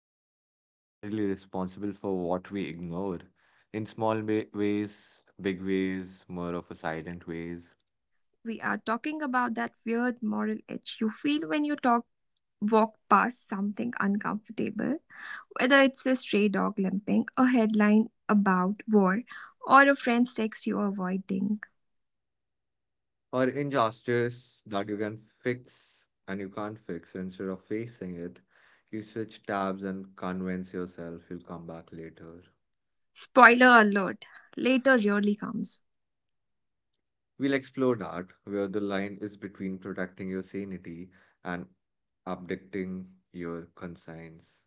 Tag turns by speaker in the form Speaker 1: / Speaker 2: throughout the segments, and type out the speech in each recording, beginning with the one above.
Speaker 1: are we morally responsible for what we ignore? In small ways, big ways, more of a silent ways.
Speaker 2: We are talking about that weird moral itch you feel when you talk walk past something uncomfortable, whether it's a stray dog limping, a headline about war, or a friend's text you're avoiding.
Speaker 1: Or injustice that you can fix and you can't fix. Instead of facing it, you switch tabs and convince yourself you'll come back later.
Speaker 2: Spoiler alert, later really comes.
Speaker 1: We'll explore that, where the line is between protecting your sanity and abdicating your conscience.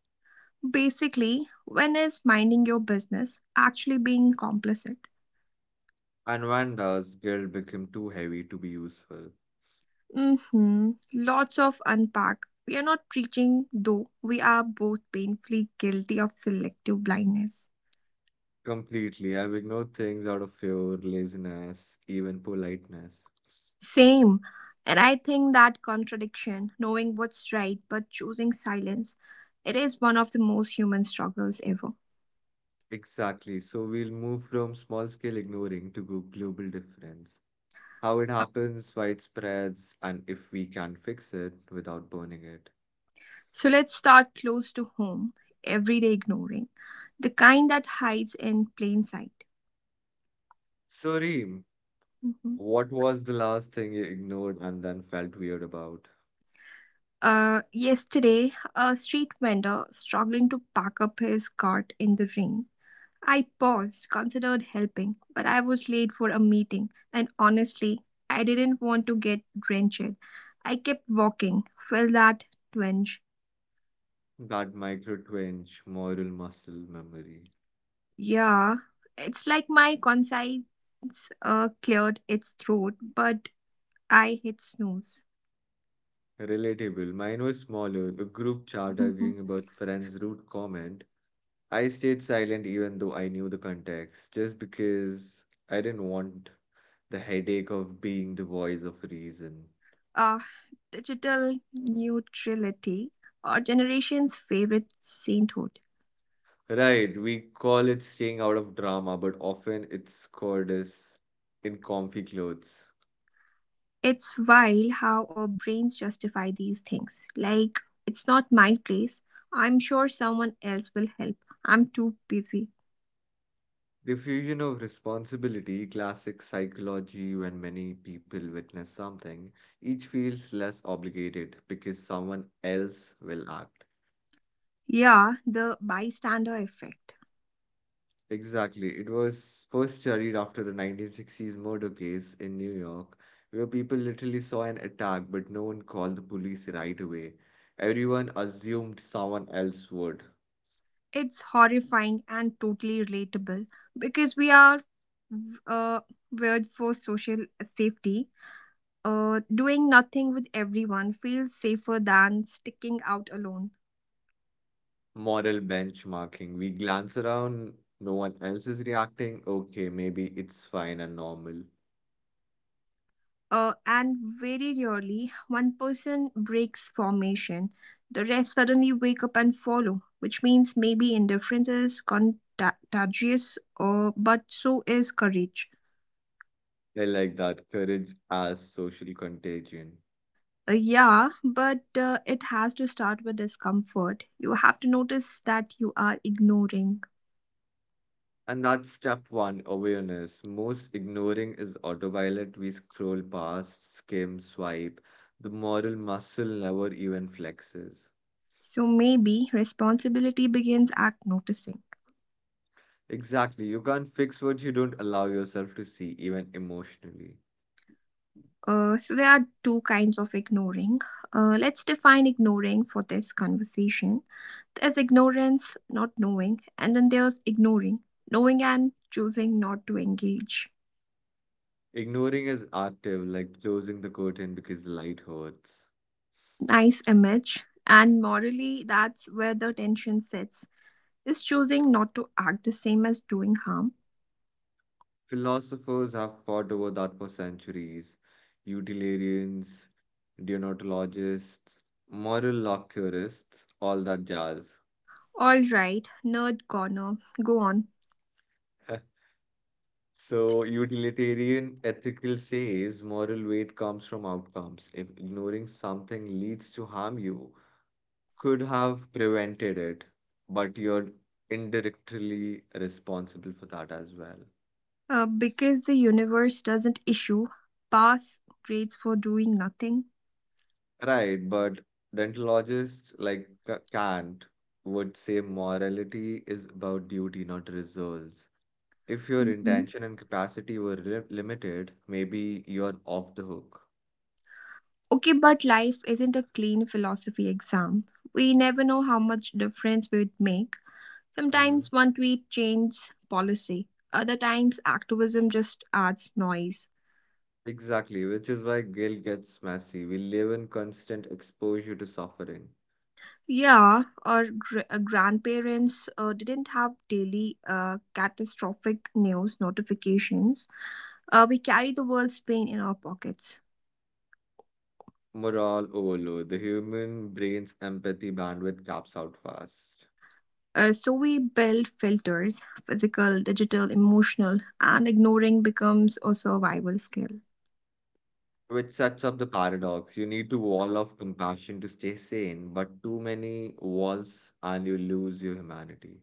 Speaker 2: Basically, when is minding your business actually being complicit?
Speaker 1: And when does guilt become too heavy to be useful?
Speaker 2: Mm-hmm. Lots of unpack. We are not preaching, though we are both painfully guilty of selective blindness.
Speaker 1: Completely. I've ignored things out of fear, laziness, even politeness.
Speaker 2: Same. And I think that contradiction, knowing what's right but choosing silence, it is one of the most human struggles ever.
Speaker 1: Exactly. So we'll move from small scale ignoring to go global difference. How it happens, why it spreads, and if we can fix it without burning it.
Speaker 2: So let's start close to home, everyday ignoring, the kind that hides in plain sight.
Speaker 1: So, Reem,
Speaker 2: hmm
Speaker 1: what was the last thing you ignored and then felt weird about?
Speaker 2: Yesterday, a street vendor struggling to pack up his cart in the rain, I paused, considered helping, but I was late for a meeting, and honestly, I didn't want to get drenched. I kept walking, felt that twinge.
Speaker 1: That micro twinge, moral muscle memory.
Speaker 2: Yeah, it's like my conscience cleared its throat, but I hit snooze.
Speaker 1: Relatable. Mine was smaller, a group chat
Speaker 2: Mhm.
Speaker 1: arguing about friend's rude comment. I stayed silent even though I knew the context, just because I didn't want the headache of being the voice of reason.
Speaker 2: uh, Digital neutrality, or generation's favorite sainthood.
Speaker 1: Right, we call it staying out of drama, but often it's called as in comfy clothes.
Speaker 2: It's wild how our brains justify these things. Like, it's not my place. I'm sure someone else will help. I'm too busy.
Speaker 1: The fusion of responsibility, classic psychology, when many people witness something, each feels less obligated because someone else will act.
Speaker 2: Yeah, the bystander effect.
Speaker 1: Exactly. It was first studied after the 1960s murder case in New York, where people literally saw an attack, but no one called the police right away. Everyone assumed someone else would.
Speaker 2: It's horrifying and totally relatable because we are uh, weird for social safety. Doing nothing with everyone feels safer than sticking out alone.
Speaker 1: Moral benchmarking. We glance around, no one else is reacting. Okay, maybe it's fine and normal.
Speaker 2: And very rarely one person breaks formation. The rest suddenly wake up and follow, which means maybe indifference is contagious, or but so is courage.
Speaker 1: I like that, courage as social contagion.
Speaker 2: Yeah, but it has to start with discomfort. You have to notice that you are ignoring.
Speaker 1: And that's step one, awareness. Most ignoring is autopilot. We scroll past, skim, swipe. The moral muscle never even flexes.
Speaker 2: So maybe responsibility begins at noticing.
Speaker 1: Exactly. You can't fix what you don't allow yourself to see, even emotionally.
Speaker 2: So there are two kinds of ignoring. Let's define ignoring for this conversation. There's ignorance, not knowing, and then there's ignoring, knowing and choosing not to engage.
Speaker 1: Ignoring is active, like closing the curtain because light hurts.
Speaker 2: Nice image. And morally, that's where the tension sits. Is choosing not to act the same as doing harm?
Speaker 1: Philosophers have fought over that for centuries. Utilitarians, deontologists, moral lock theorists, all that jazz.
Speaker 2: All right, nerd corner, go on.
Speaker 1: So, utilitarian ethical says moral weight comes from outcomes. If ignoring something leads to harm, you could have prevented it, but you're indirectly responsible for that as well.
Speaker 2: Because the universe doesn't issue pass grades for doing nothing.
Speaker 1: Right, but dentalogists like Kant would say morality is about duty, not results. If your
Speaker 2: Mhm.
Speaker 1: intention and capacity were limited, maybe you're off the hook.
Speaker 2: Okay, but life isn't a clean philosophy exam. We never know how much difference we would make.
Speaker 1: Mm-hmm.
Speaker 2: Sometimes one tweet changes policy, other times activism just adds noise.
Speaker 1: Exactly, which is why guilt gets messy. We live in constant exposure to suffering.
Speaker 2: Yeah, our grandparents didn't have daily catastrophic news notifications. We carry the world's pain in our pockets.
Speaker 1: Moral overload. The human brain's empathy bandwidth caps out fast,
Speaker 2: So we build filters physical, digital, emotional, and ignoring becomes a survival skill.
Speaker 1: which sets up the paradox. You need to wall off compassion to stay sane, but too many walls and you lose your humanity.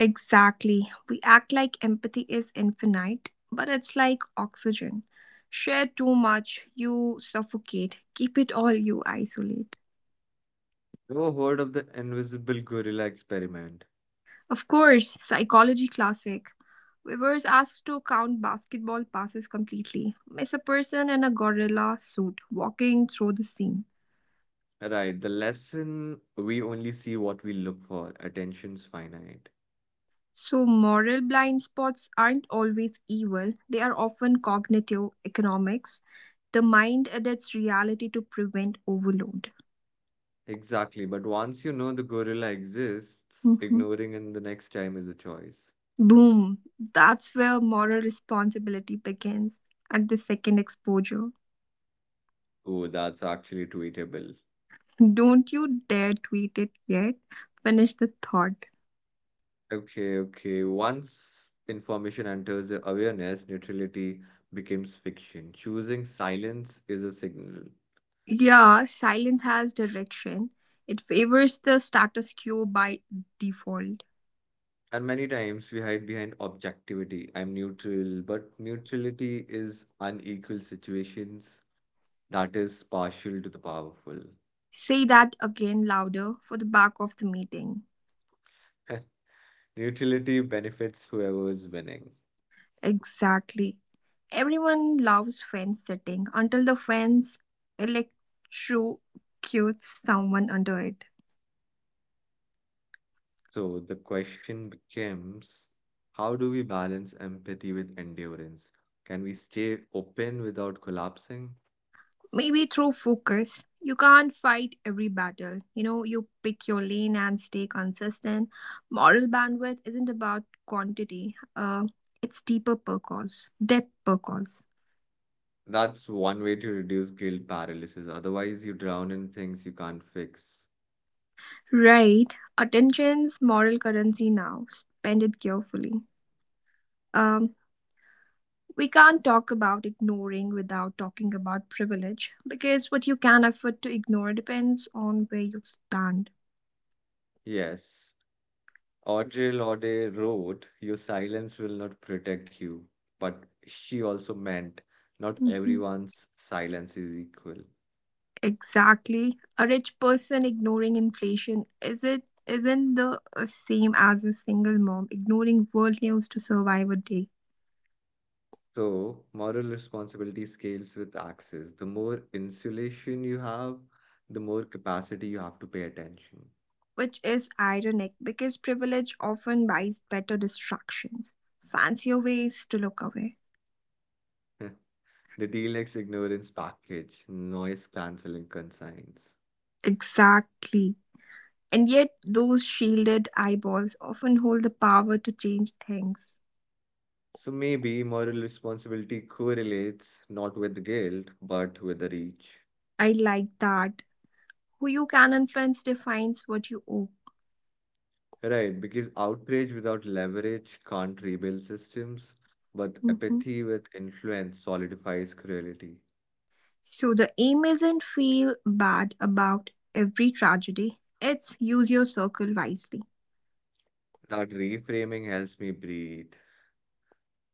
Speaker 2: Exactly. We act like empathy is infinite, but it's like oxygen. Share too much, you suffocate. Keep it all, you isolate.
Speaker 1: Ever heard of the invisible gorilla experiment?
Speaker 2: Of course, psychology classic. We were asked to count basketball passes completely. Miss a person in a gorilla suit walking through the scene.
Speaker 1: Right, the lesson: we only see what we look for. Attention's finite.
Speaker 2: So, moral blind spots aren't always evil, they are often cognitive economics. The mind adapts reality to prevent overload.
Speaker 1: Exactly, but once you know the gorilla exists,
Speaker 2: Mhm.
Speaker 1: ignoring in the next time is a choice.
Speaker 2: Boom! That's where moral responsibility begins at the second exposure.
Speaker 1: Oh, that's actually tweetable.
Speaker 2: Don't you dare tweet it yet. Finish the thought.
Speaker 1: Okay, okay. Once information enters the awareness, neutrality becomes fiction. Choosing silence is a signal.
Speaker 2: Yeah, silence has direction. It favors the status quo by default.
Speaker 1: And many times we hide behind objectivity. I'm neutral, but neutrality is unequal situations that is partial to the powerful.
Speaker 2: Say that again louder for the back of the meeting.
Speaker 1: Neutrality benefits whoever is winning.
Speaker 2: Exactly. Everyone loves fence sitting until the fence electrocutes someone under it.
Speaker 1: So the question becomes, how do we balance empathy with endurance? Can we stay open without collapsing?
Speaker 2: Maybe through focus. You can't fight every battle. You know, you pick your lane and stay consistent. Moral bandwidth isn't about quantity, it's deeper purpose, depth purpose.
Speaker 1: That's one way to reduce guilt paralysis. Otherwise, you drown in things you can't fix.
Speaker 2: Right. Attention's moral currency now. Spend it carefully. Um, we can't talk about ignoring without talking about privilege because what you can afford to ignore depends on where you stand.
Speaker 1: Yes, Audre Lorde wrote, "Your silence will not protect you." But she also meant not
Speaker 2: Mhm.
Speaker 1: everyone's silence is equal.
Speaker 2: Exactly. A rich person ignoring inflation is it isn't the same as a single mom ignoring world news to survive a day,
Speaker 1: So, moral responsibility scales with access. The more insulation you have, the more capacity you have to pay attention.
Speaker 2: which is ironic because privilege often buys better distractions, fancier ways to look away.
Speaker 1: The DLX ignorance package, noise cancelling consigns.
Speaker 2: Exactly. And yet those shielded eyeballs often hold the power to change things.
Speaker 1: So, maybe moral responsibility correlates not with guilt, but with the reach.
Speaker 2: I like that. Who you can influence defines what you owe.
Speaker 1: Right, because outrage without leverage can't rebuild systems, but
Speaker 2: Mm-hmm.
Speaker 1: apathy with influence solidifies cruelty.
Speaker 2: So the aim isn't feel bad about every tragedy, it's use your circle wisely.
Speaker 1: That reframing helps me breathe.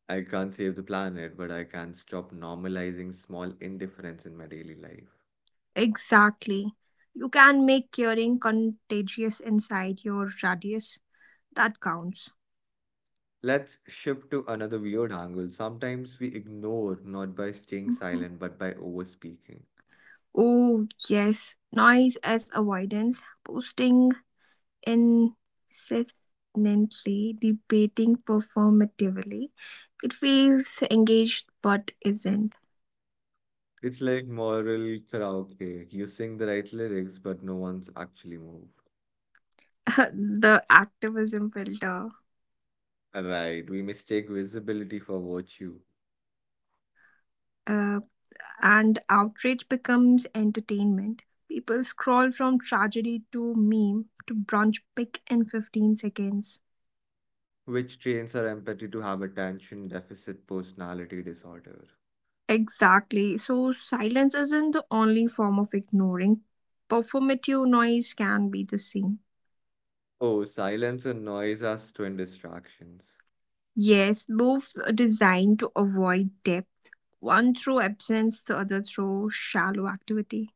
Speaker 1: I can't save the planet, but I can stop normalizing small indifference in my daily life.
Speaker 2: Exactly. You can make curing contagious inside your radius. That counts.
Speaker 1: Let's shift to another weird angle. Sometimes we ignore not by staying
Speaker 2: Mhm.
Speaker 1: silent, but by overspeaking.
Speaker 2: Oh, yes. Noise as avoidance. Posting incessantly, debating performatively. It feels engaged but isn't.
Speaker 1: It's like moral karaoke. You sing the right lyrics, but no one's actually moved.
Speaker 2: The activism filter.
Speaker 1: Right, we mistake visibility for virtue,
Speaker 2: uh, and outrage becomes entertainment. People scroll from tragedy to meme to brunch pick in 15 seconds.
Speaker 1: which trains our empathy to have attention deficit personality disorder.
Speaker 2: Exactly. So, silence isn't the only form of ignoring. Performative noise can be the same.
Speaker 1: Oh, silence and noise are twin distractions.
Speaker 2: Yes, both are designed to avoid depth, one through absence, the other through shallow activity.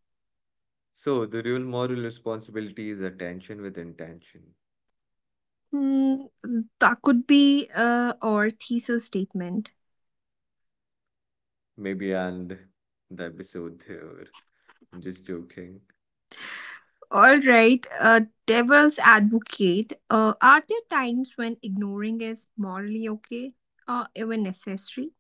Speaker 1: So the real moral responsibility is attention with intention.
Speaker 2: Hmm, that could be our thesis statement.
Speaker 1: Maybe and the episode here. Just joking.
Speaker 2: All right, devil's advocate. Are there times when ignoring is morally okay or even necessary?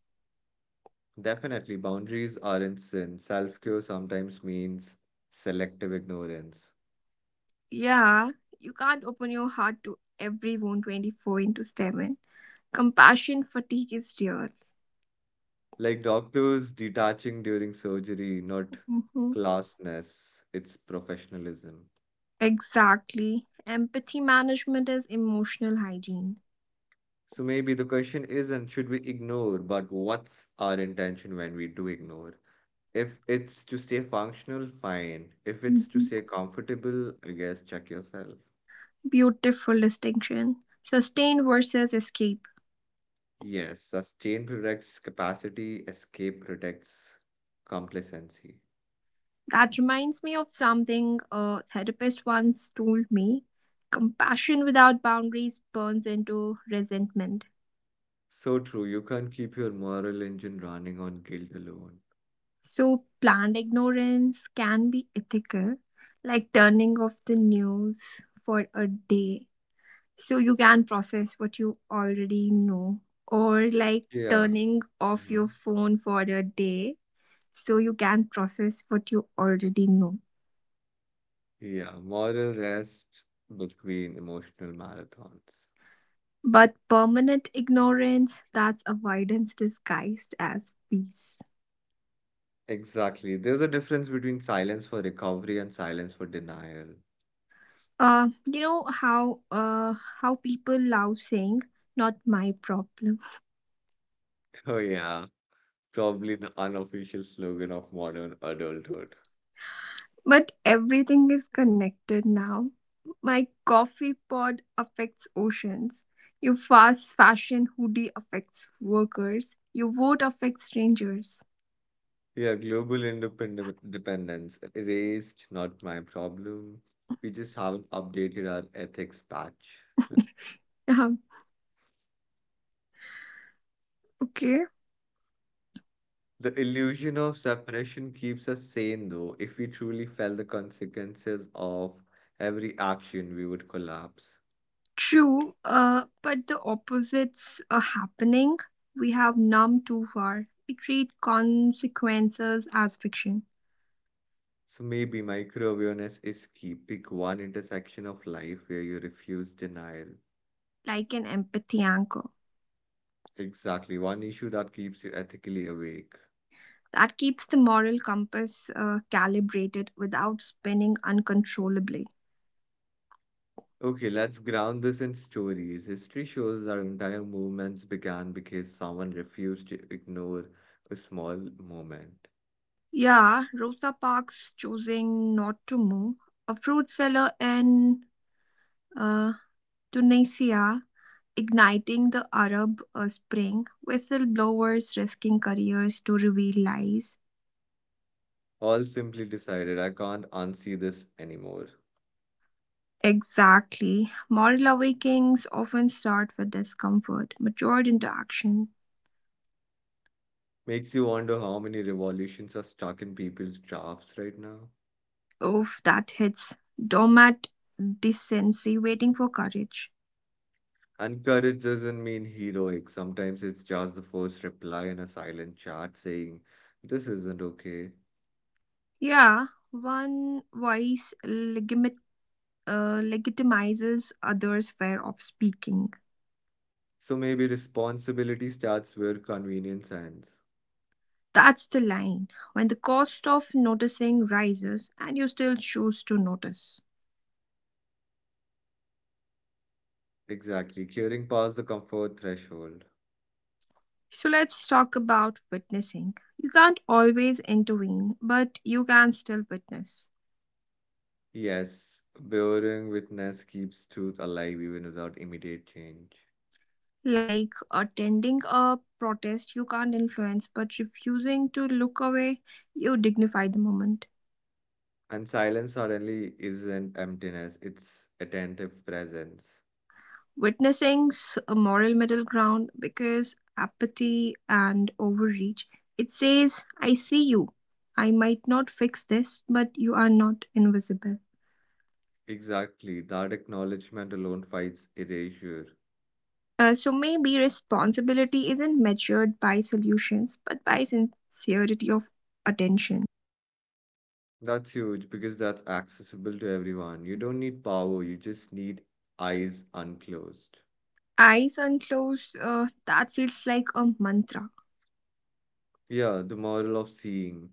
Speaker 1: Definitely, boundaries aren't sin. Self-care sometimes means selective ignorance.
Speaker 2: Yeah, you can't open your heart to everyone 24 into 7. Compassion fatigue is real.
Speaker 1: Like doctors detaching during surgery, not
Speaker 2: Mhm.
Speaker 1: classness, it's professionalism.
Speaker 2: Exactly. Empathy management is emotional hygiene.
Speaker 1: So maybe the question isn't should we ignore, but what's our intention when we do ignore? If it's to stay functional, fine. If it's to
Speaker 2: Mhm.
Speaker 1: stay comfortable, I guess check yourself.
Speaker 2: Beautiful distinction. Sustain versus escape.
Speaker 1: Yes, sustain protects capacity, escape protects complacency.
Speaker 2: That reminds me of something a therapist once told me, compassion without boundaries burns into resentment.
Speaker 1: So true. You can't keep your moral engine running on guilt alone.
Speaker 2: So, planned ignorance can be ethical, like turning off the news for a day so you can process what you already know, or like
Speaker 1: Yeah.
Speaker 2: turning off
Speaker 1: Hmm.
Speaker 2: your phone for a day so you can process what you already know.
Speaker 1: Yeah. Moral rest between emotional marathons.
Speaker 2: But permanent ignorance, that's avoidance disguised as peace.
Speaker 1: Exactly. There's a difference between silence for recovery and silence for denial.
Speaker 2: You know how people love saying not my problem.
Speaker 1: Oh, yeah. Probably the unofficial slogan of modern adulthood.
Speaker 2: But everything is connected now. My coffee pod affects oceans. Your fast fashion hoodie affects workers. Your vote affects strangers.
Speaker 1: Yeah, global independent dependence erased, not my problem. We just haven't updated our ethics patch.
Speaker 2: Um, okay.
Speaker 1: The illusion of separation keeps us sane, though. If we truly felt the consequences of every action, we would collapse.
Speaker 2: True, but the opposites are happening. We have numb too far. We treat consequences as fiction,
Speaker 1: So maybe micro-awareness is key. Pick one intersection of life where you refuse denial.
Speaker 2: like an empathy anchor.
Speaker 1: Exactly, one issue that keeps you ethically awake.
Speaker 2: That keeps the moral compass calibrated without spinning uncontrollably.
Speaker 1: Okay, let's ground this in stories. History shows that entire movements began because someone refused to ignore a small moment.
Speaker 2: Yeah, Rosa Parks choosing not to move. A fruit seller in uh, Tunisia igniting the Arab Spring, whistleblowers risking careers to reveal lies.
Speaker 1: All simply decided, I can't unsee this anymore.
Speaker 2: Exactly. Moral awakenings often start with discomfort, matured into action.
Speaker 1: Makes you wonder how many revolutions are stuck in people's drafts right now.
Speaker 2: Oof, that hits. Doormat decency, waiting for courage.
Speaker 1: And courage doesn't mean heroic. Sometimes it's just the first reply in a silent chat saying, this isn't okay.
Speaker 2: Yeah, one voice legitimizes others' fear of speaking.
Speaker 1: So maybe responsibility starts where convenience ends.
Speaker 2: That's the line. When the cost of noticing rises and you still choose to notice.
Speaker 1: Exactly, curing past the comfort threshold.
Speaker 2: So let's talk about witnessing. You can't always intervene, but you can still witness.
Speaker 1: Yes, bearing witness keeps truth alive even without immediate change.
Speaker 2: Like attending a protest you can't influence, but refusing to look away, you dignify the moment.
Speaker 1: And silence suddenly isn't emptiness, it's attentive presence.
Speaker 2: A moral middle ground because apathy and overreach, it says, I see you. I might not fix this, but you are not invisible.
Speaker 1: Exactly, that acknowledgement alone fights erasure.
Speaker 2: So maybe responsibility isn't measured by solutions, but by sincerity of attention.
Speaker 1: That's huge because that's accessible to everyone. You don't need power, you just need eyes unclosed.
Speaker 2: Eyes unclosed, that feels like a mantra.
Speaker 1: Yeah, the moral of seeing.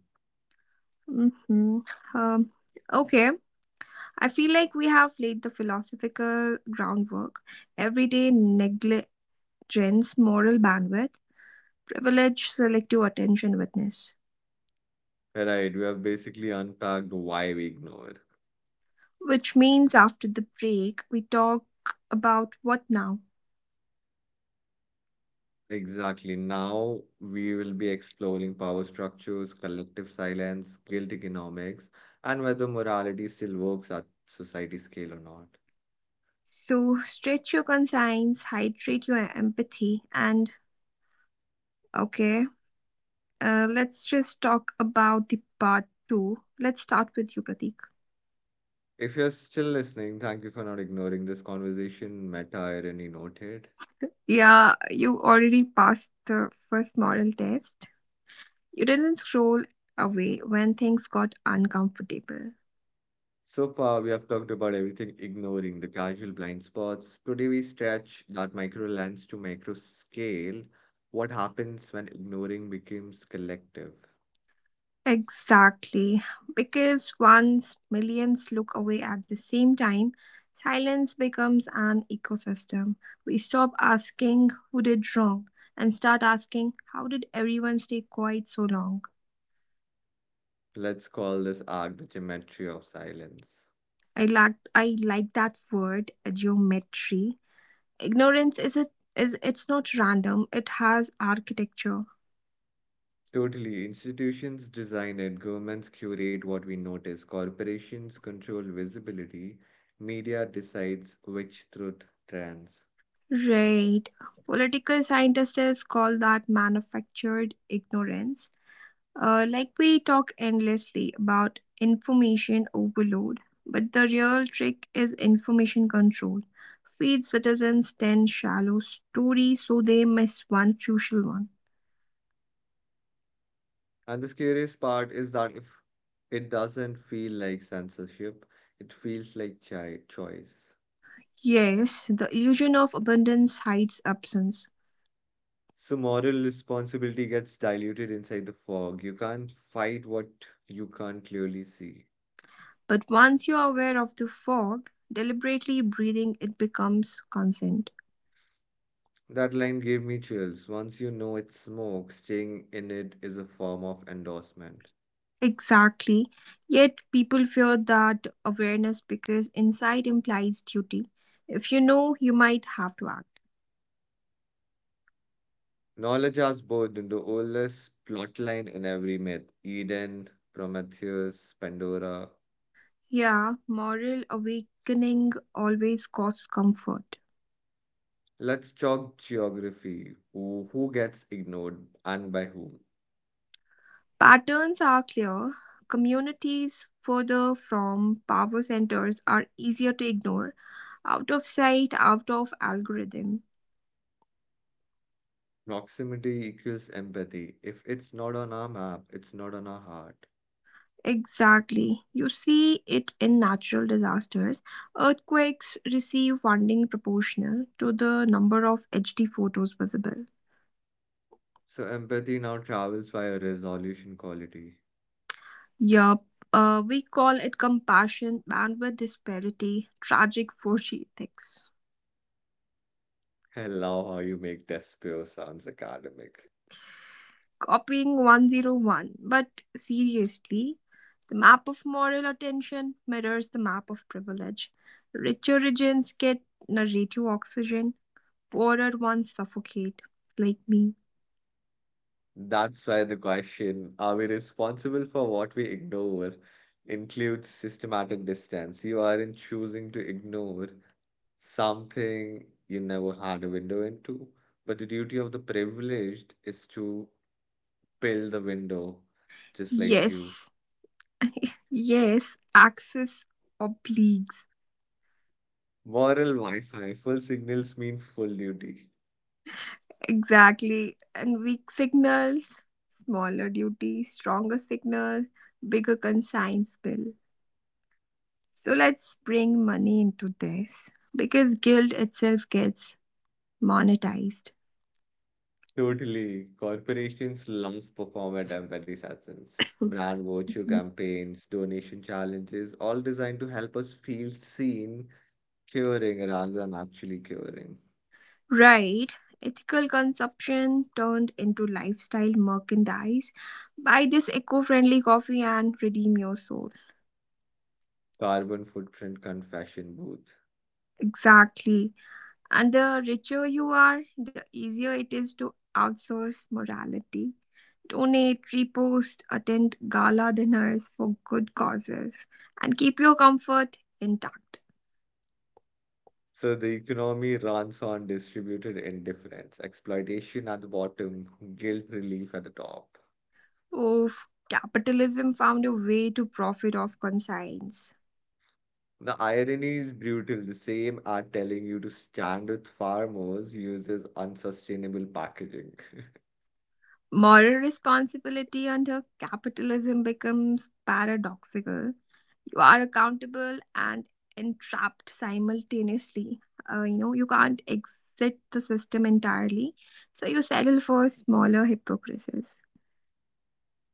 Speaker 2: Mm-hmm. Um, okay. I feel like we have laid the philosophical groundwork. Everyday negligence, moral bandwidth, privilege, selective attention witness.
Speaker 1: Right, we have basically unpacked why we ignore.
Speaker 2: Which means after the break, we talk about what now.
Speaker 1: Exactly. Now we will be exploring power structures, collective silence, guild economics, and whether morality still works at society scale or not.
Speaker 2: So stretch your conscience, hydrate your empathy, and okay, let's just talk about the part two. Let's start with you, Pratik.
Speaker 1: If you're still listening, thank you for not ignoring this conversation. Meta irony noted.
Speaker 2: Yeah, you already passed the first moral test. You didn't scroll away when things got uncomfortable.
Speaker 1: So far, we have talked about everything ignoring the casual blind spots. Today, we stretch that micro lens to macro scale. What happens when ignoring becomes collective?
Speaker 2: Exactly. Because once millions look away at the same time, silence becomes an ecosystem. We stop asking who did wrong and start asking how did everyone stay quiet so long?
Speaker 1: Let's call this arc the geometry of silence.
Speaker 2: I like that word, geometry. Ignorance is a is it's not random, it has architecture.
Speaker 1: Totally. Institutions design it, governments curate what we notice, corporations control visibility, media decides which truth trends.
Speaker 2: Right. Political scientists call that manufactured ignorance. Like we talk endlessly about information overload, but the real trick is information control. Feed citizens 10 shallow stories so they miss one crucial one.
Speaker 1: And the scariest part is that if it doesn't feel like censorship, it feels like chi choice.
Speaker 2: Yes, the illusion of abundance hides absence,
Speaker 1: So moral responsibility gets diluted inside the fog. You can't fight what you can't clearly see.
Speaker 2: but once you are aware of the fog, deliberately breathing, it becomes consent.
Speaker 1: That line gave me chills. Once you know it's smoke, staying in it is a form of endorsement.
Speaker 2: Exactly. Yet people fear that awareness because insight implies duty. If you know, you might have to act.
Speaker 1: Knowledge has both the oldest plotline in every myth: Eden, Prometheus, Pandora.
Speaker 2: Yeah, moral awakening always costs comfort.
Speaker 1: Let's talk geography. Who gets ignored and by whom?
Speaker 2: Patterns are clear. Communities further from power centers are easier to ignore, out of sight, out of algorithm.
Speaker 1: Proximity equals empathy. If it's not on our map, it's not on our heart.
Speaker 2: Exactly. You see it in natural disasters. Earthquakes receive funding proportional to the number of HD photos visible.
Speaker 1: So empathy now travels via resolution quality.
Speaker 2: Yup. We call it compassion, bandwidth disparity, tragic 4 ethics.
Speaker 1: I love how you make Despio sounds academic.
Speaker 2: Copying 101. But seriously, the map of moral attention mirrors the map of privilege. Richer regions get narrative oxygen, poorer ones suffocate, like me.
Speaker 1: That's why the question, are we responsible for what we ignore, includes systematic distance. You aren't choosing to ignore something you never had a window into, but the duty of the privileged is to build the window, just like you.
Speaker 2: Yes, Yes, axis obliques.
Speaker 1: Moral Wi-Fi, full signals mean full duty.
Speaker 2: Exactly. And weak signals, smaller duty, stronger signal, bigger consigns bill. So let's bring money into this because guild itself gets monetized.
Speaker 1: Totally. Corporations love performance at empathy's brand virtue campaigns, donation challenges, all designed to help us feel seen, curing rather than actually curing.
Speaker 2: Right. Ethical consumption turned into lifestyle merchandise. Buy this eco friendly coffee and redeem your soul.
Speaker 1: Carbon footprint confession booth.
Speaker 2: Exactly. And the richer you are, the easier it is to outsource morality. Donate, repost, attend gala dinners for good causes, and keep your comfort intact.
Speaker 1: So the economy runs on distributed indifference, exploitation at the bottom, guilt relief at the top.
Speaker 2: Oof, capitalism found a way to profit off conscience.
Speaker 1: The irony is brutal. The same are telling you to stand with farmers uses unsustainable packaging.
Speaker 2: Moral responsibility under capitalism becomes paradoxical, you are accountable and entrapped simultaneously. You know, you can't exit the system entirely, so you settle for smaller hypocrisies.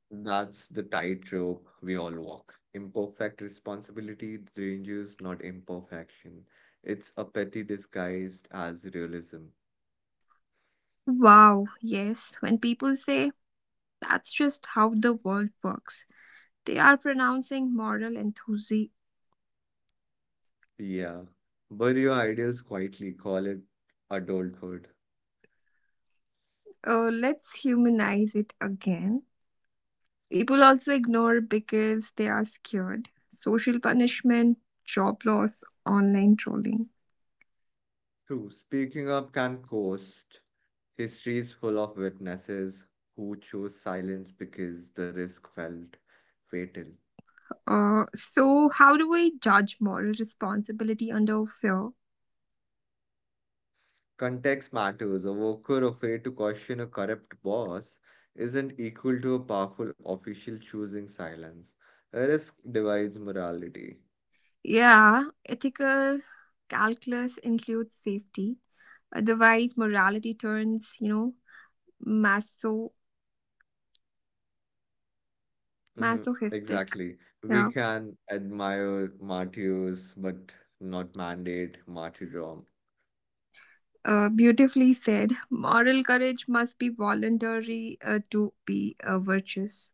Speaker 1: That's the tightrope we all walk. Imperfect responsibility ranges not imperfection. It's a petty disguised as realism.
Speaker 2: Wow, yes, when people say that's just how the world works, they are pronouncing moral enthusiasm.
Speaker 1: Yeah. Bury your ideals quietly, call it adulthood.
Speaker 2: Let's humanize it again. People also ignore because they are scared, social punishment, job loss, online trolling.
Speaker 1: True, speaking up can cost. History is full of witnesses who chose silence because the risk felt fatal.
Speaker 2: So, how do we judge moral responsibility under fear?
Speaker 1: Context matters. A worker afraid to question a corrupt boss isn't equal to a powerful official choosing silence. Risk divides morality.
Speaker 2: Yeah, ethical calculus includes safety. Otherwise, morality turns, you know, maso-
Speaker 1: Mhm.
Speaker 2: masochistic.
Speaker 1: Exactly. We
Speaker 2: Yeah,
Speaker 1: can admire martyrs, but not mandate martyrdom.
Speaker 2: beautifully said. Moral courage must be voluntary to be virtuous.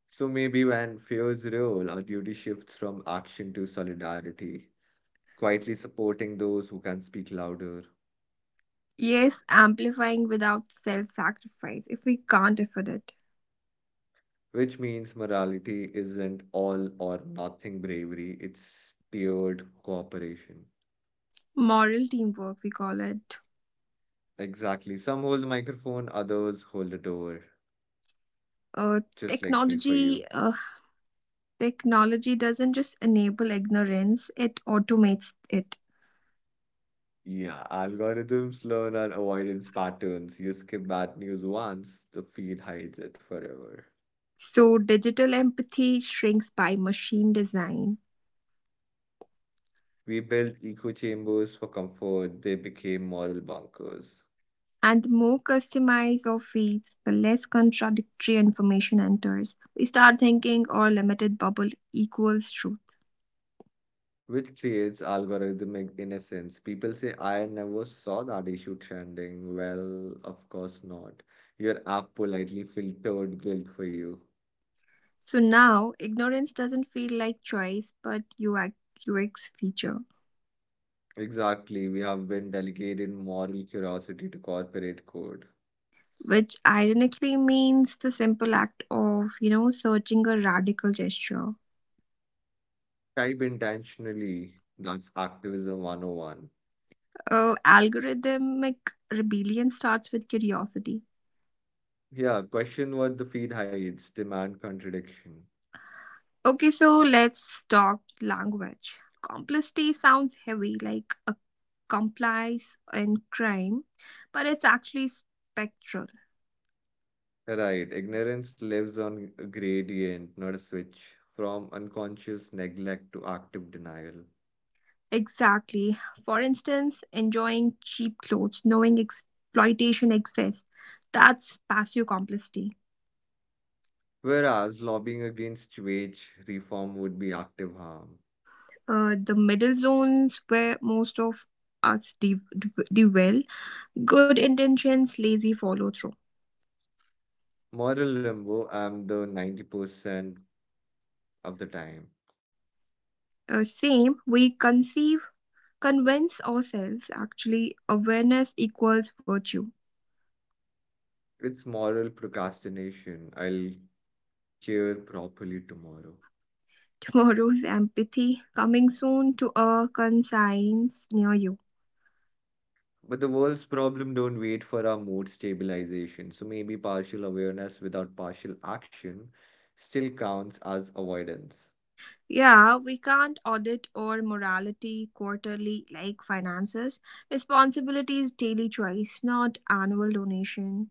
Speaker 1: So maybe when fear's real, our duty shifts from action to solidarity, quietly supporting those who can speak louder.
Speaker 2: Yes, amplifying without self sacrifice if we can't afford it.
Speaker 1: Which means morality isn't all or nothing bravery, it's tiered cooperation.
Speaker 2: Moral teamwork, we call it.
Speaker 1: Exactly. Some hold the microphone, others hold it over.
Speaker 2: Uh,
Speaker 1: Just like me for you.
Speaker 2: technology uh, Technology doesn't just enable ignorance, it automates it.
Speaker 1: Yeah, algorithms learn our avoidance patterns. You skip bad news once, the feed hides it forever.
Speaker 2: So, digital empathy shrinks by machine design.
Speaker 1: We built echo chambers for comfort, they became moral bunkers.
Speaker 2: And the more customized our feeds, the less contradictory information enters. We start thinking our limited bubble equals truth.
Speaker 1: Which creates algorithmic innocence. People say, I never saw that issue trending. Well, of course not. Your app politely filtered guilt for you.
Speaker 2: So now, ignorance doesn't feel like choice, but UX, feature,
Speaker 1: Exactly. We have been delegated moral curiosity to corporate code.
Speaker 2: which ironically means the simple act of, searching a radical gesture.
Speaker 1: Type intentionally. That's activism 101.
Speaker 2: Algorithmic rebellion starts with curiosity.
Speaker 1: Yeah, question what the feed hides, demand contradiction.
Speaker 2: Okay, so let's talk language. Complicity sounds heavy, like a complice in crime, but it's actually spectral.
Speaker 1: Right, ignorance lives on a gradient, not a switch, from unconscious neglect to active denial.
Speaker 2: Exactly. For instance, enjoying cheap clothes, knowing exploitation exists, that's passive complicity.
Speaker 1: Whereas lobbying against wage reform would be active harm.
Speaker 2: The middle zones where most of us dwell, good intentions, lazy follow through.
Speaker 1: Moral limbo, I'm the 90% of the time.
Speaker 2: Same, convince ourselves actually awareness equals virtue.
Speaker 1: It's moral procrastination. I'll care properly tomorrow.
Speaker 2: Tomorrow's empathy coming soon to a conscience near you.
Speaker 1: But the world's problem don't wait for our mood stabilization. So maybe partial awareness without partial action still counts as avoidance.
Speaker 2: Yeah, we can't audit our morality quarterly like finances. Responsibility is daily choice, not annual donation.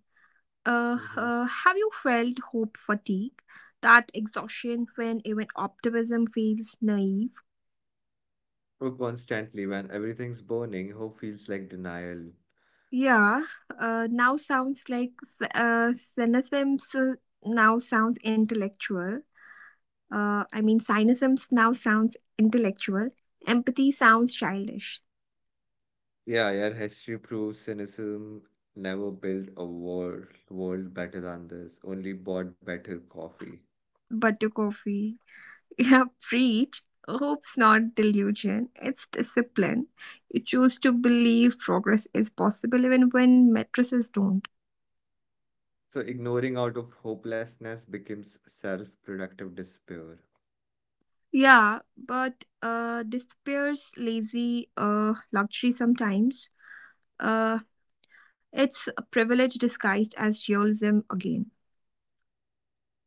Speaker 1: Hmm.
Speaker 2: Have you felt hope fatigue? That exhaustion when even optimism feels naive?
Speaker 1: Or constantly, when everything's burning, hope feels like denial.
Speaker 2: Yeah, now sounds like uh, cynicisms now sounds intellectual. I mean, cynicisms now sounds intellectual. Empathy sounds childish.
Speaker 1: Yeah, yeah, history proves cynicism never built a world better than this, only bought better coffee.
Speaker 2: But to coffee, yeah, preach. Hope's not delusion, it's discipline. You choose to believe progress is possible even when mattresses don't.
Speaker 1: So ignoring out of hopelessness becomes self-productive despair.
Speaker 2: Yeah, but despairs lazy luxury sometimes. Uh, It's a privilege disguised as dualism again.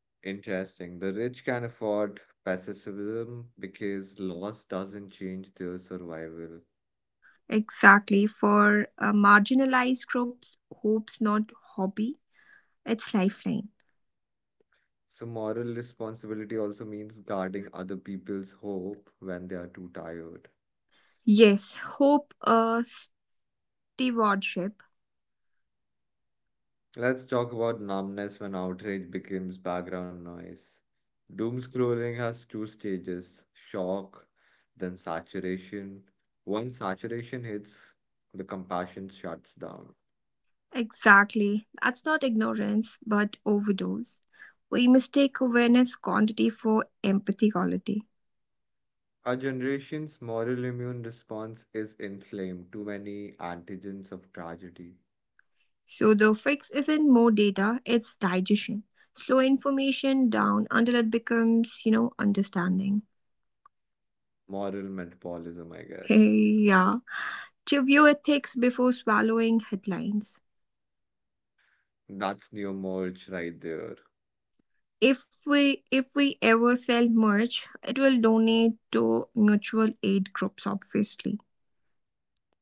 Speaker 1: Interesting. The rich can afford pessimism because loss doesn't change their survival.
Speaker 2: Exactly. For marginalized groups, hope's not hobby, it's lifeline.
Speaker 1: So moral responsibility also means guarding other people's hope when they are too tired.
Speaker 2: Yes, hope, stewardship.
Speaker 1: Let's talk about numbness when outrage becomes background noise. Doom scrolling has two stages, shock, then saturation. Once saturation hits, the compassion shuts down.
Speaker 2: Exactly. That's not ignorance, but overdose. We mistake awareness quantity for empathy quality.
Speaker 1: Our generation's moral immune response is inflamed, too many antigens of tragedy.
Speaker 2: So the fix isn't more data, it's digestion. Slow information down until it becomes, understanding.
Speaker 1: Moral metabolism, I guess.
Speaker 2: Hey, yeah. Review ethics before swallowing headlines.
Speaker 1: That's neo merge right there.
Speaker 2: If we ever sell merch, it will donate to mutual aid groups, obviously.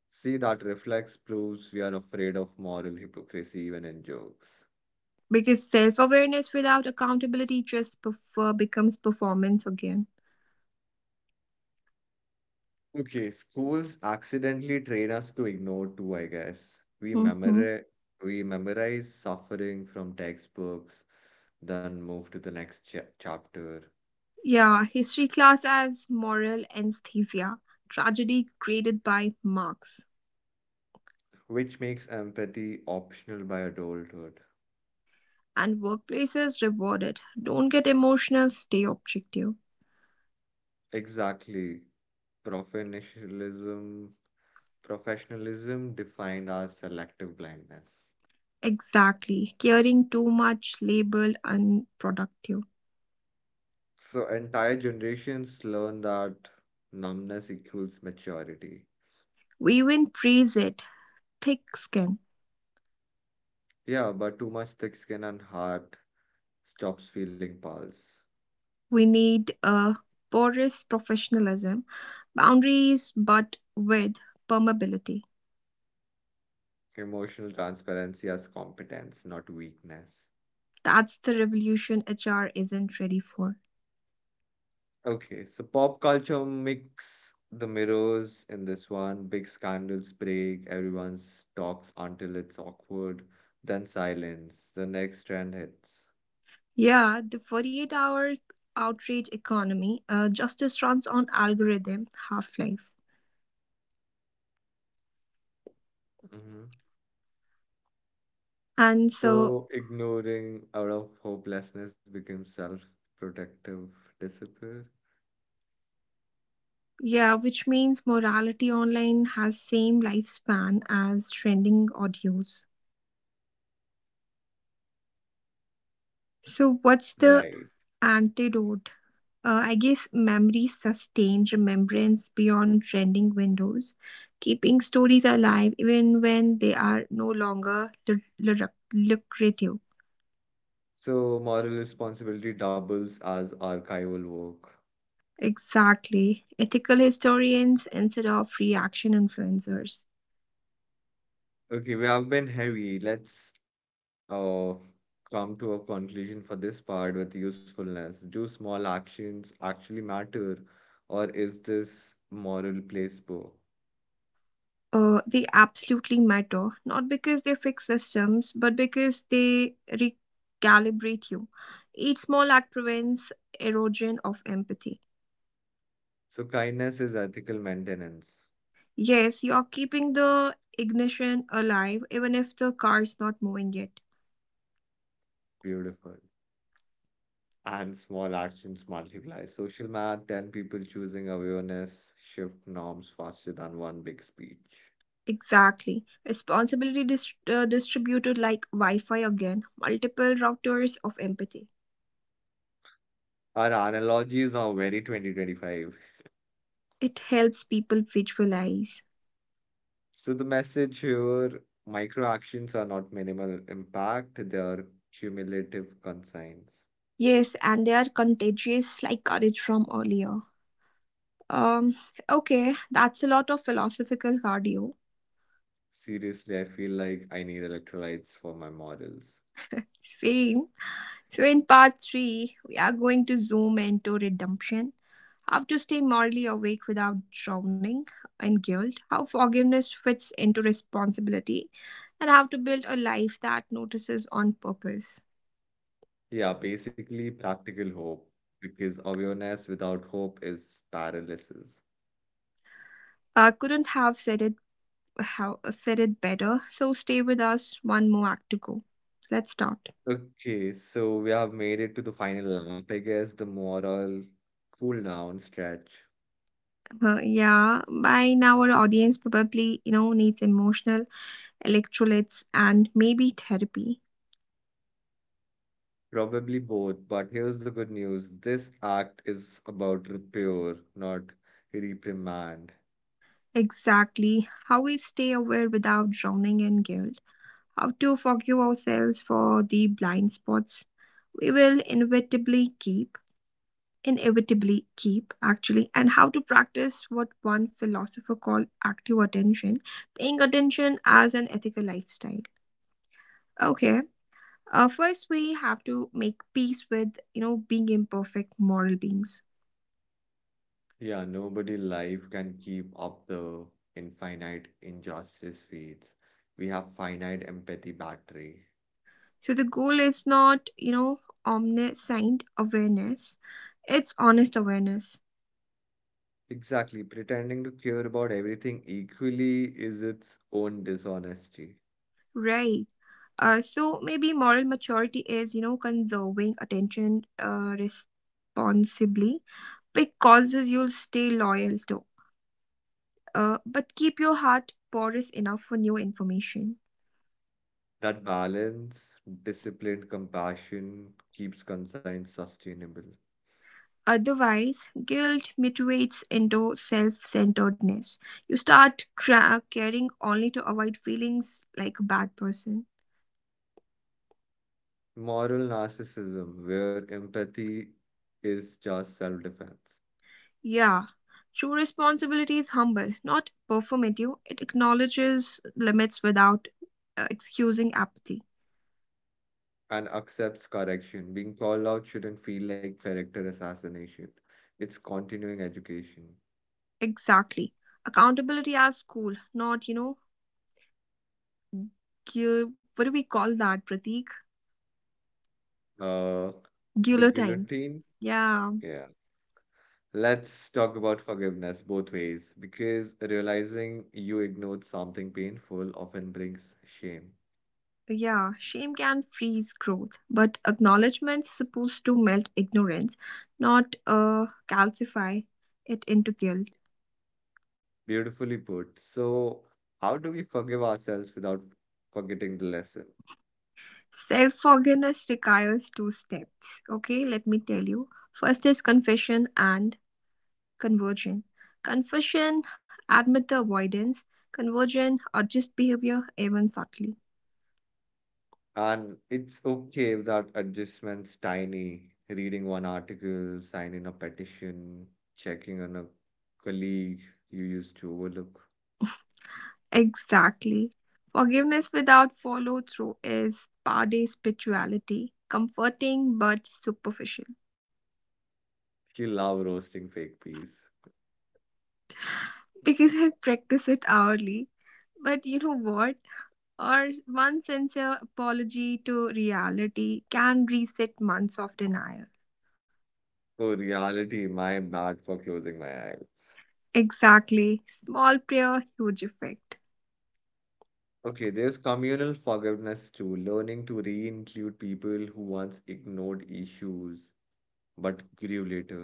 Speaker 1: See, that reflex proves we are afraid of moral hypocrisy even in jokes.
Speaker 2: Because self awareness without accountability just prefer becomes performance again.
Speaker 1: Okay, schools accidentally train us to ignore too, I guess. We
Speaker 2: Hmm.
Speaker 1: memorize, we memorize suffering from textbooks, then move to the next chapter,
Speaker 2: Yeah, history class as moral anesthesia, tragedy graded by marks,
Speaker 1: which makes empathy optional by adulthood.
Speaker 2: and workplaces rewarded. Don't get emotional, stay objective.
Speaker 1: Exactly. Professionalism, professionalism defined as selective blindness.
Speaker 2: Exactly. Caring too much labeled unproductive.
Speaker 1: So entire generations learn that numbness equals maturity.
Speaker 2: We even praise it. Thick skin.
Speaker 1: Yeah, but too much thick skin and heart stops feeling pulse.
Speaker 2: We need a porous professionalism, boundaries, but with permeability.
Speaker 1: Emotional transparency as competence, not weakness.
Speaker 2: That's the revolution HR isn't ready for.
Speaker 1: Okay, so pop culture mix the mirrors in this one. Big scandals break, everyone talks until it's awkward, then silence. The next trend hits.
Speaker 2: Yeah, the 48-hour outrage economy, justice runs on algorithm half life.
Speaker 1: Hmm.
Speaker 2: And so,
Speaker 1: So ignoring out of hopelessness becomes self-protective disappear.
Speaker 2: yeah, which means morality online has same lifespan as trending audios. So, what's the
Speaker 1: Right.
Speaker 2: antidote? I guess memories sustain remembrance beyond trending windows, keeping stories alive even when they are no longer lucrative.
Speaker 1: So moral responsibility doubles as archival work.
Speaker 2: Exactly. Ethical historians instead of reaction influencers.
Speaker 1: Okay, we have been heavy. Let's uh, come to a conclusion for this part with usefulness. Do small actions actually matter, or is this moral placebo?
Speaker 2: They absolutely matter, not because they fix systems, but because they recalibrate you. Each small act prevents erosion of empathy.
Speaker 1: So, kindness is ethical maintenance.
Speaker 2: Yes, you're keeping the ignition alive even if the car's not moving yet.
Speaker 1: Beautiful. And small actions multiply. Social math, 10 people choosing awareness shift norms faster than one big speech.
Speaker 2: Exactly. Responsibility distributed like Wi Fi again, multiple routers of empathy.
Speaker 1: Our analogies are very 2025.
Speaker 2: It helps people visualize.
Speaker 1: So the message here, micro actions are not minimal impact, they are cumulative consigns.
Speaker 2: Yes, and they are contagious like courage from earlier. Um, okay, that's a lot of philosophical cardio.
Speaker 1: Seriously, I feel like I need electrolytes for my models.
Speaker 2: Same. So, in part three, we are going to zoom into redemption. How to stay morally awake without drowning in guilt, how forgiveness fits into responsibility, and how to build a life that notices on purpose.
Speaker 1: Yeah, basically practical hope, because awareness without hope is paralysis.
Speaker 2: I couldn't have said it better. So stay with us. One more act to go. Let's start.
Speaker 1: Okay, so we have made it to the final lap, I guess, the moral cool down stretch.
Speaker 2: Yeah, by now our audience probably needs emotional electrolytes and maybe therapy.
Speaker 1: Probably both, but here's the good news. This act is about repair, not reprimand.
Speaker 2: Exactly. How we stay aware without drowning in guilt. How to forgive ourselves for the blind spots we will inevitably keep actually, and how to practice what one philosopher called active attention, paying attention as an ethical lifestyle. Okay. First, we have to make peace with being imperfect moral beings.
Speaker 1: Yeah, nobody life can keep up the infinite injustice feeds. We have finite empathy battery.
Speaker 2: So the goal is not omniscient awareness, it's honest awareness.
Speaker 1: Exactly. Pretending to care about everything equally is its own dishonesty.
Speaker 2: Right. So maybe moral maturity is, conserving attention responsibly, pick causes you'll stay loyal to, but keep your heart porous enough for new information.
Speaker 1: That balance, disciplined compassion keeps conscience sustainable.
Speaker 2: Otherwise, guilt mutates into self centeredness. You start caring only to avoid feelings like a bad person.
Speaker 1: Moral narcissism, where empathy is just self defense.
Speaker 2: Yeah, true responsibility is humble, not performative. It acknowledges limits without excusing apathy.
Speaker 1: And accepts correction. Being called out shouldn't feel like character assassination. It's continuing education.
Speaker 2: Exactly. Accountability as school, not, gu- what do we call that, Pratik?
Speaker 1: Uh, the
Speaker 2: Guillotine.
Speaker 1: guillotine.
Speaker 2: Yeah,
Speaker 1: Yeah. Let's talk about forgiveness both ways because realizing you ignored something painful often brings shame.
Speaker 2: yeah. Shame can freeze growth, but acknowledgement's supposed to melt ignorance, not calcify it into guilt.
Speaker 1: Beautifully put. So, how do we forgive ourselves without forgetting the lesson?
Speaker 2: Self forgiveness requires two steps. Okay, let me tell you. First is confession and conversion. Confession, admit the avoidance, conversion, adjust behavior even subtly.
Speaker 1: And it's okay if that adjustment's tiny. Reading one article, signing a petition, checking on a colleague you used to overlook.
Speaker 2: Exactly. Forgiveness without follow through is Pade spirituality, comforting but superficial.
Speaker 1: You love roasting fake peas.
Speaker 2: Because I practice it hourly. But you know what? Or one sincere apology to reality can reset months of denial.
Speaker 1: Oh, reality, my bad for closing my eyes.
Speaker 2: Exactly. Small prayer, huge effect.
Speaker 1: Okay, there's communal forgiveness too, learning to re-include people who once ignored issues but grew later.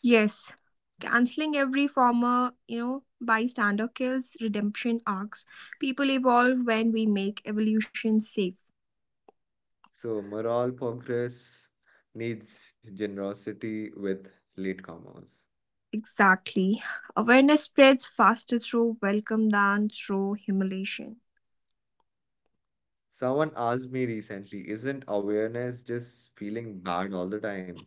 Speaker 2: Yes. Canceling every former, bystander kills redemption arcs. People evolve when we make evolution safe.
Speaker 1: So moral progress needs generosity with latecomers.
Speaker 2: Exactly. Awareness spreads faster through welcome than through humiliation.
Speaker 1: Someone asked me recently, isn't awareness just feeling bad all the time?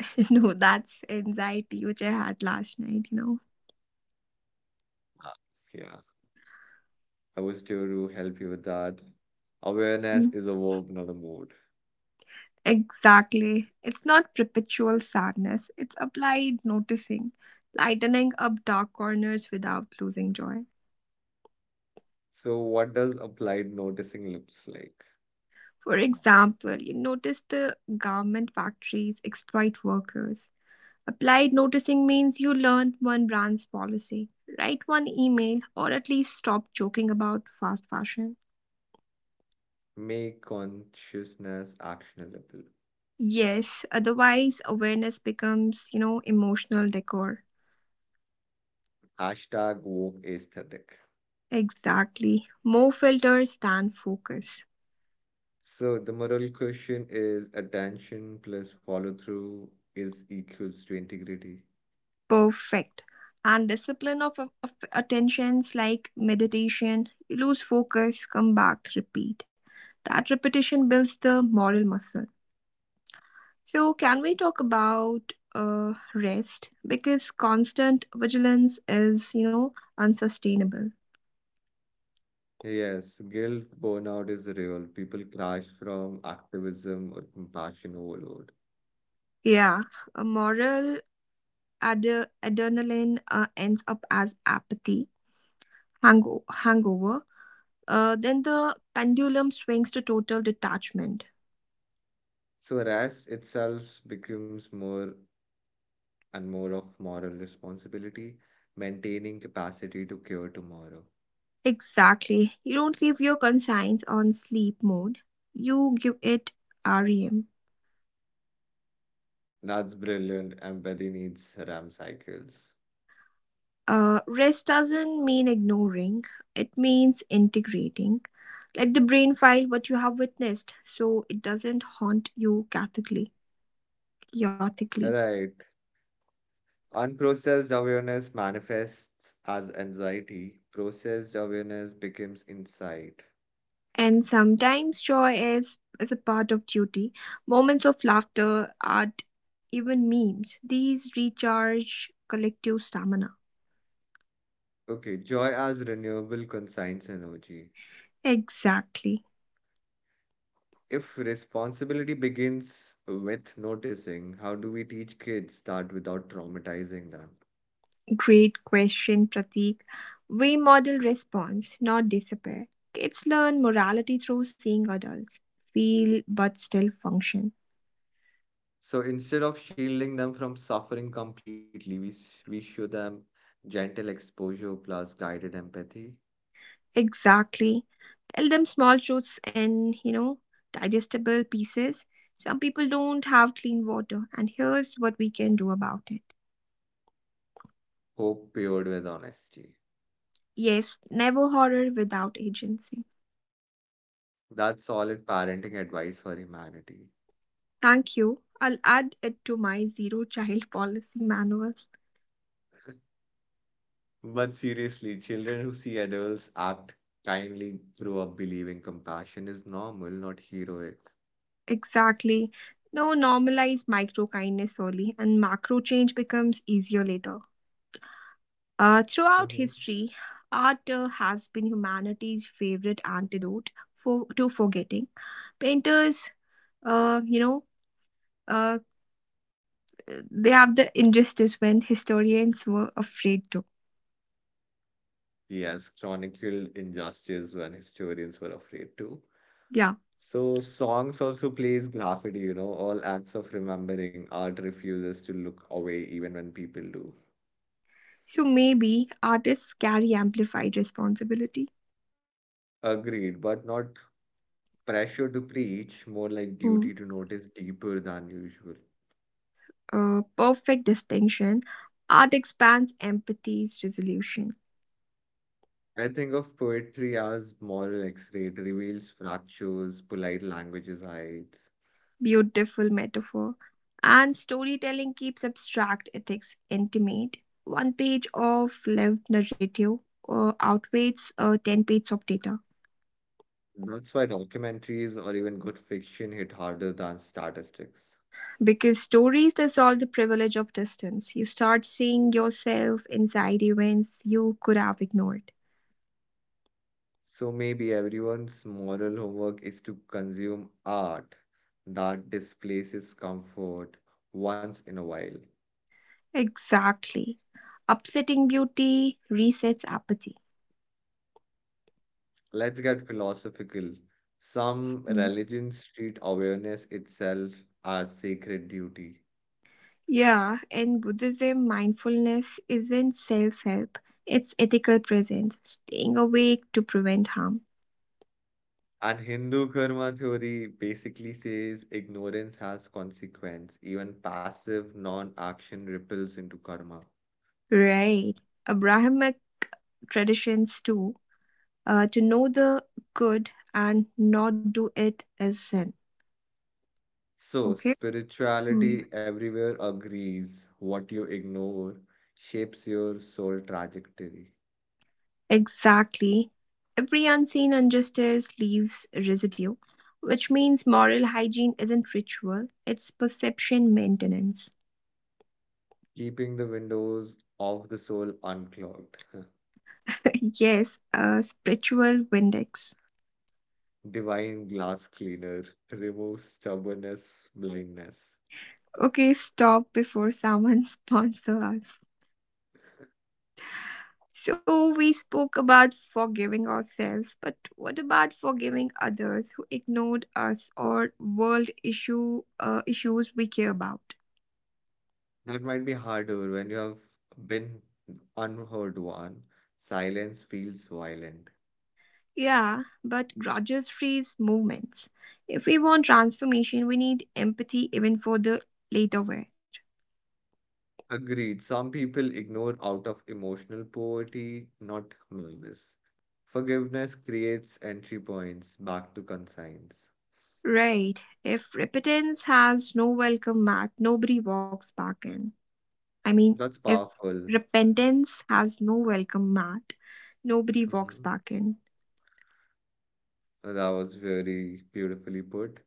Speaker 2: No, that's anxiety which I had last night,
Speaker 1: Uh, Yeah, I was here to help you with that. Awareness
Speaker 2: Mm.
Speaker 1: is a verb, not a mood.
Speaker 2: Exactly. It's not perpetual sadness, it's applied noticing, lightening up dark corners without losing joy.
Speaker 1: So, what does applied noticing looks like?
Speaker 2: For example, you notice the garment factories exploit workers. Applied noticing means you learn one brand's policy, write one email, or at least stop joking about fast fashion.
Speaker 1: Make consciousness actionable.
Speaker 2: Yes, otherwise awareness becomes, emotional decor.
Speaker 1: Hashtag woke aesthetic.
Speaker 2: Exactly. More filters than focus.
Speaker 1: So, the moral question is attention plus follow through is equals to integrity.
Speaker 2: Perfect. And discipline of, of attentions like meditation, you lose focus, come back, repeat. That repetition builds the moral muscle. So, can we talk about rest? Because constant vigilance is, unsustainable.
Speaker 1: Yes, guilt burnout is real. People crash from activism or compassion overload.
Speaker 2: Yeah, a moral adrenaline ends up as apathy, hangover. Then the pendulum swings to total detachment.
Speaker 1: So rest itself becomes more and more of moral responsibility, maintaining capacity to cure tomorrow.
Speaker 2: Exactly. You don't leave your conscience on sleep mode. You give it REM.
Speaker 1: That's brilliant. Empathy needs RAM cycles.
Speaker 2: Rest doesn't mean ignoring, it means integrating. Let the brain file what you have witnessed so it doesn't haunt you chaotically.
Speaker 1: Right. Unprocessed awareness manifests as anxiety. Processed awareness becomes insight.
Speaker 2: And sometimes joy is a part of duty. Moments of laughter, art, even memes, these recharge collective stamina.
Speaker 1: Okay, joy as renewable conscience energy.
Speaker 2: Exactly.
Speaker 1: If responsibility begins with noticing, how do we teach kids that without traumatizing them?
Speaker 2: Great question, Pratik. We model response, not disappear. Kids learn morality through seeing adults feel but still function.
Speaker 1: So instead of shielding them from suffering completely, we show them gentle exposure plus guided empathy,
Speaker 2: Exactly. Tell them small truths in, digestible pieces. Some people don't have clean water, and here's what we can do about it.
Speaker 1: hope paired with honesty.
Speaker 2: Yes, never horror without agency.
Speaker 1: That's solid parenting advice for humanity.
Speaker 2: Thank you. I'll add it to my zero child policy manual.
Speaker 1: But seriously, children who see adults act kindly grow up believing compassion is normal, not heroic.
Speaker 2: Exactly. No, normalize micro kindness early, and macro change becomes easier later. Throughout history, art has been humanity's favorite antidote for to forgetting. Painters, uh, you know, uh, they have the injustice when historians were afraid to.
Speaker 1: Yes, chronicle chronicled injustice when historians were afraid to.
Speaker 2: Yeah.
Speaker 1: So songs also plays graffiti, you know, all acts of remembering. Art refuses to look away even when people do.
Speaker 2: So maybe artists carry amplified responsibility.
Speaker 1: Agreed, but not pressure to preach, more like
Speaker 2: Mm.
Speaker 1: duty to notice deeper than usual.
Speaker 2: Perfect distinction. Art expands empathy's resolution.
Speaker 1: I think of poetry as moral X-ray. It reveals fractures, polite languages hides.
Speaker 2: Beautiful metaphor. And storytelling keeps abstract ethics intimate. One page of lived narrative outweighs 10 pages of data.
Speaker 1: That's why documentaries or even good fiction hit harder than statistics.
Speaker 2: Because stories dissolve the privilege of distance. You start seeing yourself inside events you could have ignored.
Speaker 1: So maybe everyone's moral homework is to consume art that displaces comfort once in a while.
Speaker 2: Exactly. Upsetting beauty resets apathy.
Speaker 1: Let's get philosophical. Some
Speaker 2: Hmm.
Speaker 1: religions treat awareness itself as sacred duty.
Speaker 2: Yeah, in Buddhism, mindfulness isn't self help, it's ethical presence, staying awake to prevent harm.
Speaker 1: And Hindu karma theory basically says ignorance has consequence. Even passive non-action ripples into karma.
Speaker 2: Right. Abrahamic traditions, too, to know the good and not do it is sin.
Speaker 1: So,
Speaker 2: Okay? Hmm.
Speaker 1: spirituality everywhere agrees what you ignore shapes your soul trajectory,
Speaker 2: Exactly. Every unseen injustice leaves residue, which means moral hygiene isn't ritual, it's perception maintenance.
Speaker 1: keeping the windows of the soul unclogged.
Speaker 2: Yes, a spiritual Windex.
Speaker 1: Divine glass cleaner removes stubbornness, blindness.
Speaker 2: Okay, stop before someone sponsor us. So we spoke about forgiving ourselves, but what about forgiving others who ignored us or world issues we care about?
Speaker 1: That might be harder when you have been unheard one. Silence feels violent.
Speaker 2: Yeah, but grudges freeze movements. If we want transformation, we need empathy even for the later wear.
Speaker 1: Agreed. Some people ignore out of emotional poverty, not malice. Forgiveness creates entry points back to conscience.
Speaker 2: Right. If repentance has no welcome mat, nobody walks back in. I mean,
Speaker 1: That's
Speaker 2: if
Speaker 1: powerful.
Speaker 2: repentance has no welcome mat, nobody walks
Speaker 1: Hmm.
Speaker 2: back in.
Speaker 1: That was very beautifully put.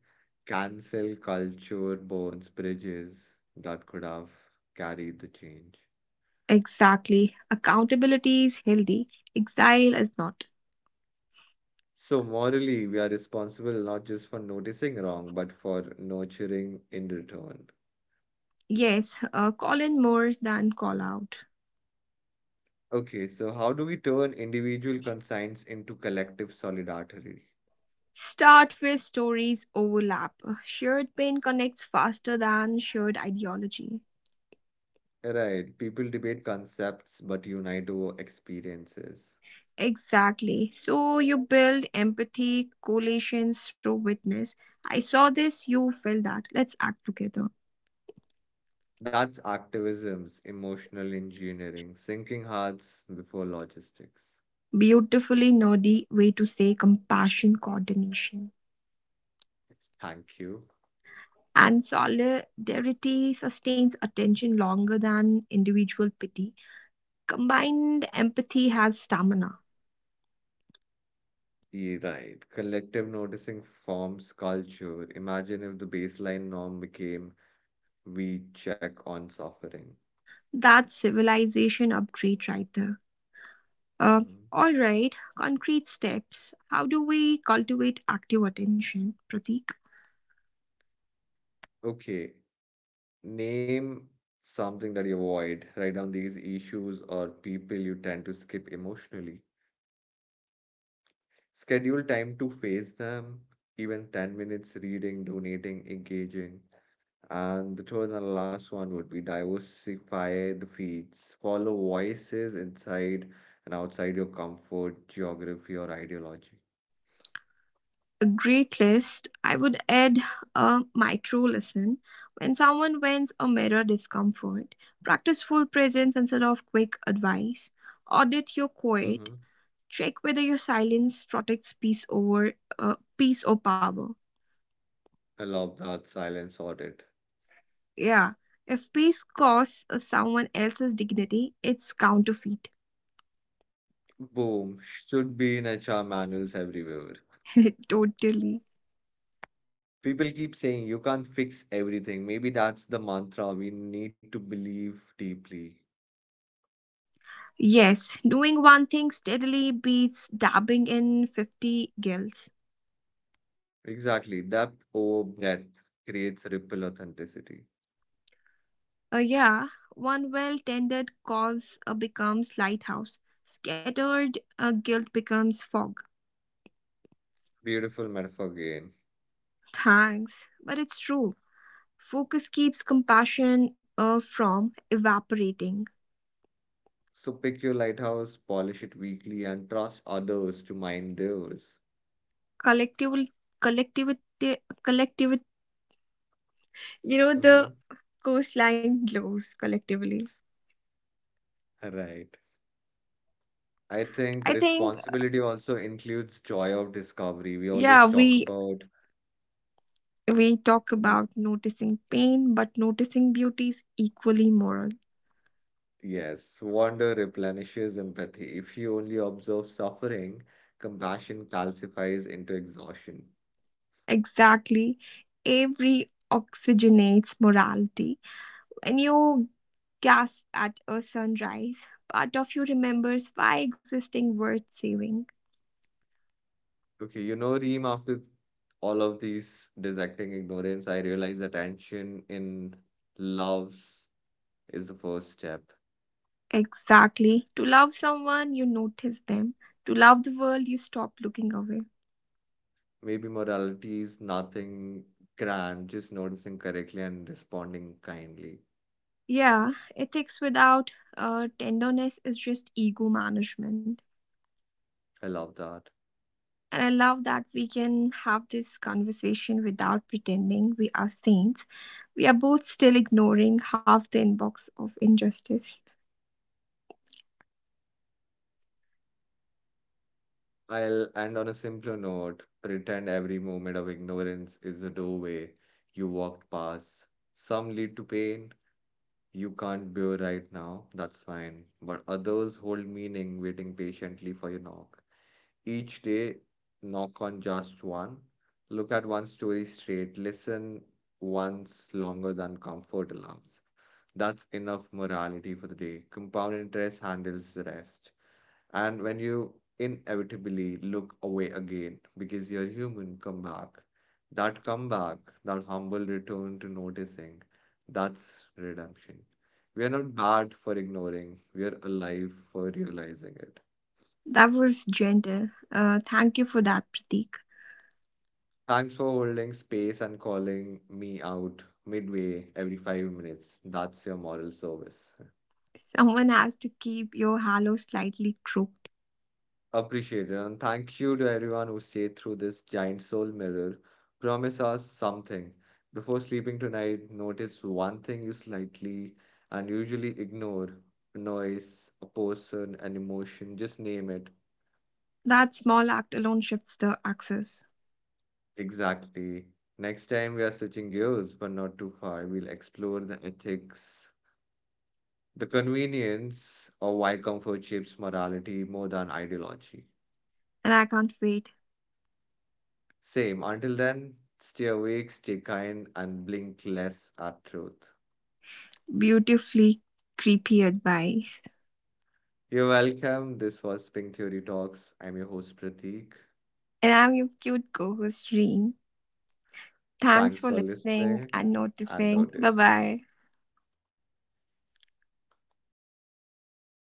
Speaker 1: Cancel culture burns bridges that could have carried the change.
Speaker 2: Exactly. Accountability is healthy, exile is not.
Speaker 1: So, morally, we are responsible not just for noticing wrong, but for nurturing in return.
Speaker 2: Yes, call in more than call out.
Speaker 1: Okay, so how do we turn individual conscience into collective solidarity?
Speaker 2: Start where stories overlap. Shared pain connects faster than shared ideology.
Speaker 1: Right, people debate concepts but unite over experiences.
Speaker 2: Exactly. So you build empathy, coalitions through witness. I saw this, you felt that. Let's act together.
Speaker 1: That's activism's emotional engineering, sinking hearts before logistics.
Speaker 2: Beautifully nerdy way to say compassion coordination.
Speaker 1: Thank you.
Speaker 2: And solidarity sustains attention longer than individual pity. Combined empathy has stamina.
Speaker 1: Yeah, right, collective noticing forms culture. Imagine if the baseline norm became we check on suffering.
Speaker 2: That's civilization upgrade right there. Uh,
Speaker 1: Mhm.
Speaker 2: all right, concrete steps. How do we cultivate active attention, Pratik?
Speaker 1: Okay, name something that you avoid. Write down these issues or people you tend to skip emotionally. Schedule time to face them, even 10 minutes reading, donating, engaging. And the third and last one would be diversify the feeds. Follow voices inside and outside your comfort, geography, or ideology.
Speaker 2: A great list, I would add a micro lesson. When someone wins a mirror discomfort, practice full presence instead of quick advice. Audit your quiet.
Speaker 1: Hmm.
Speaker 2: Check whether your silence protects peace over peace or power.
Speaker 1: I love that silence audit.
Speaker 2: Yeah. If peace costs someone else's dignity, it's counterfeit.
Speaker 1: Boom, should be in HR manuals everywhere.
Speaker 2: Totally.
Speaker 1: People keep saying you can't fix everything. Maybe that's the mantra we need to believe deeply.
Speaker 2: Yes, doing one thing steadily beats dabbing in 50 gills.
Speaker 1: Exactly. Depth over breadth creates ripple authenticity.
Speaker 2: Yeah, one well tended cause becomes lighthouse. Scattered guilt becomes fog.
Speaker 1: Beautiful metaphor again.
Speaker 2: Thanks, but it's true. Focus keeps compassion from evaporating.
Speaker 1: So pick your lighthouse, polish it weekly, and trust others to mind theirs.
Speaker 2: Collectivity, collectivity, collectivity. You know
Speaker 1: Mm-hmm.
Speaker 2: the coastline glows collectively.
Speaker 1: Right. I think
Speaker 2: I think,
Speaker 1: responsibility also includes joy of discovery. We
Speaker 2: yeah,
Speaker 1: always talk
Speaker 2: we
Speaker 1: about—
Speaker 2: we talk about noticing pain, but noticing beauty is equally moral.
Speaker 1: yes, wonder replenishes empathy. If you only observe suffering, compassion calcifies into exhaustion.
Speaker 2: Exactly, every oxygenates morality. When you gasp at a sunrise, part of you remembers why existing worth saving.
Speaker 1: Okay, you know, Reem, after all of these dissecting ignorance, I realize attention in loves is the first step.
Speaker 2: Exactly, to love someone, you notice them. To love the world, you stop looking away.
Speaker 1: Maybe morality is nothing grand, just noticing correctly and responding kindly.
Speaker 2: Yeah, ethics without tenderness is just ego management.
Speaker 1: I love that.
Speaker 2: And I love that we can have this conversation without pretending we are saints. We are both still ignoring half the inbox of injustice.
Speaker 1: I'll end on a simpler note. Pretend every moment of ignorance is a doorway you walked past. Some lead to pain you can't bear right now, that's fine. But others hold meaning waiting patiently for your knock. Each day, knock on just one. Look at one story straight. Listen once longer than comfort alarms. That's enough morality for the day. Compound interest handles the rest. And when you inevitably look away again because you're human, come back. That comeback, that humble return to noticing, that's redemption. We are not bad for ignoring, we are alive for realizing it.
Speaker 2: That was gentle. Thank you for that, Pratik.
Speaker 1: Thanks for holding space and calling me out midway every 5 minutes. That's your moral service.
Speaker 2: Someone has to keep your halo slightly crooked.
Speaker 1: Appreciated, and thank you to everyone who stayed through this giant soul mirror. Promise us something. Before sleeping tonight, notice one thing you slightly and usually ignore, a noise, a person, an emotion, just name it.
Speaker 2: That small act alone shifts the axis.
Speaker 1: Exactly. Next time we are switching gears, but not too far, we'll explore the ethics, the convenience, or why comfort shapes morality more than ideology.
Speaker 2: And I can't wait.
Speaker 1: Same. Until then, stay awake, stay kind, and blink less at truth.
Speaker 2: Beautifully creepy advice.
Speaker 1: You're welcome. This was Pink Theory Talks. I'm your host, Prateek.
Speaker 2: And I'm your cute co host, Reem. Thanks
Speaker 1: Thanks
Speaker 2: for
Speaker 1: for
Speaker 2: listening
Speaker 1: listening
Speaker 2: and
Speaker 1: and
Speaker 2: noticing. Bye
Speaker 1: noticing.
Speaker 2: bye.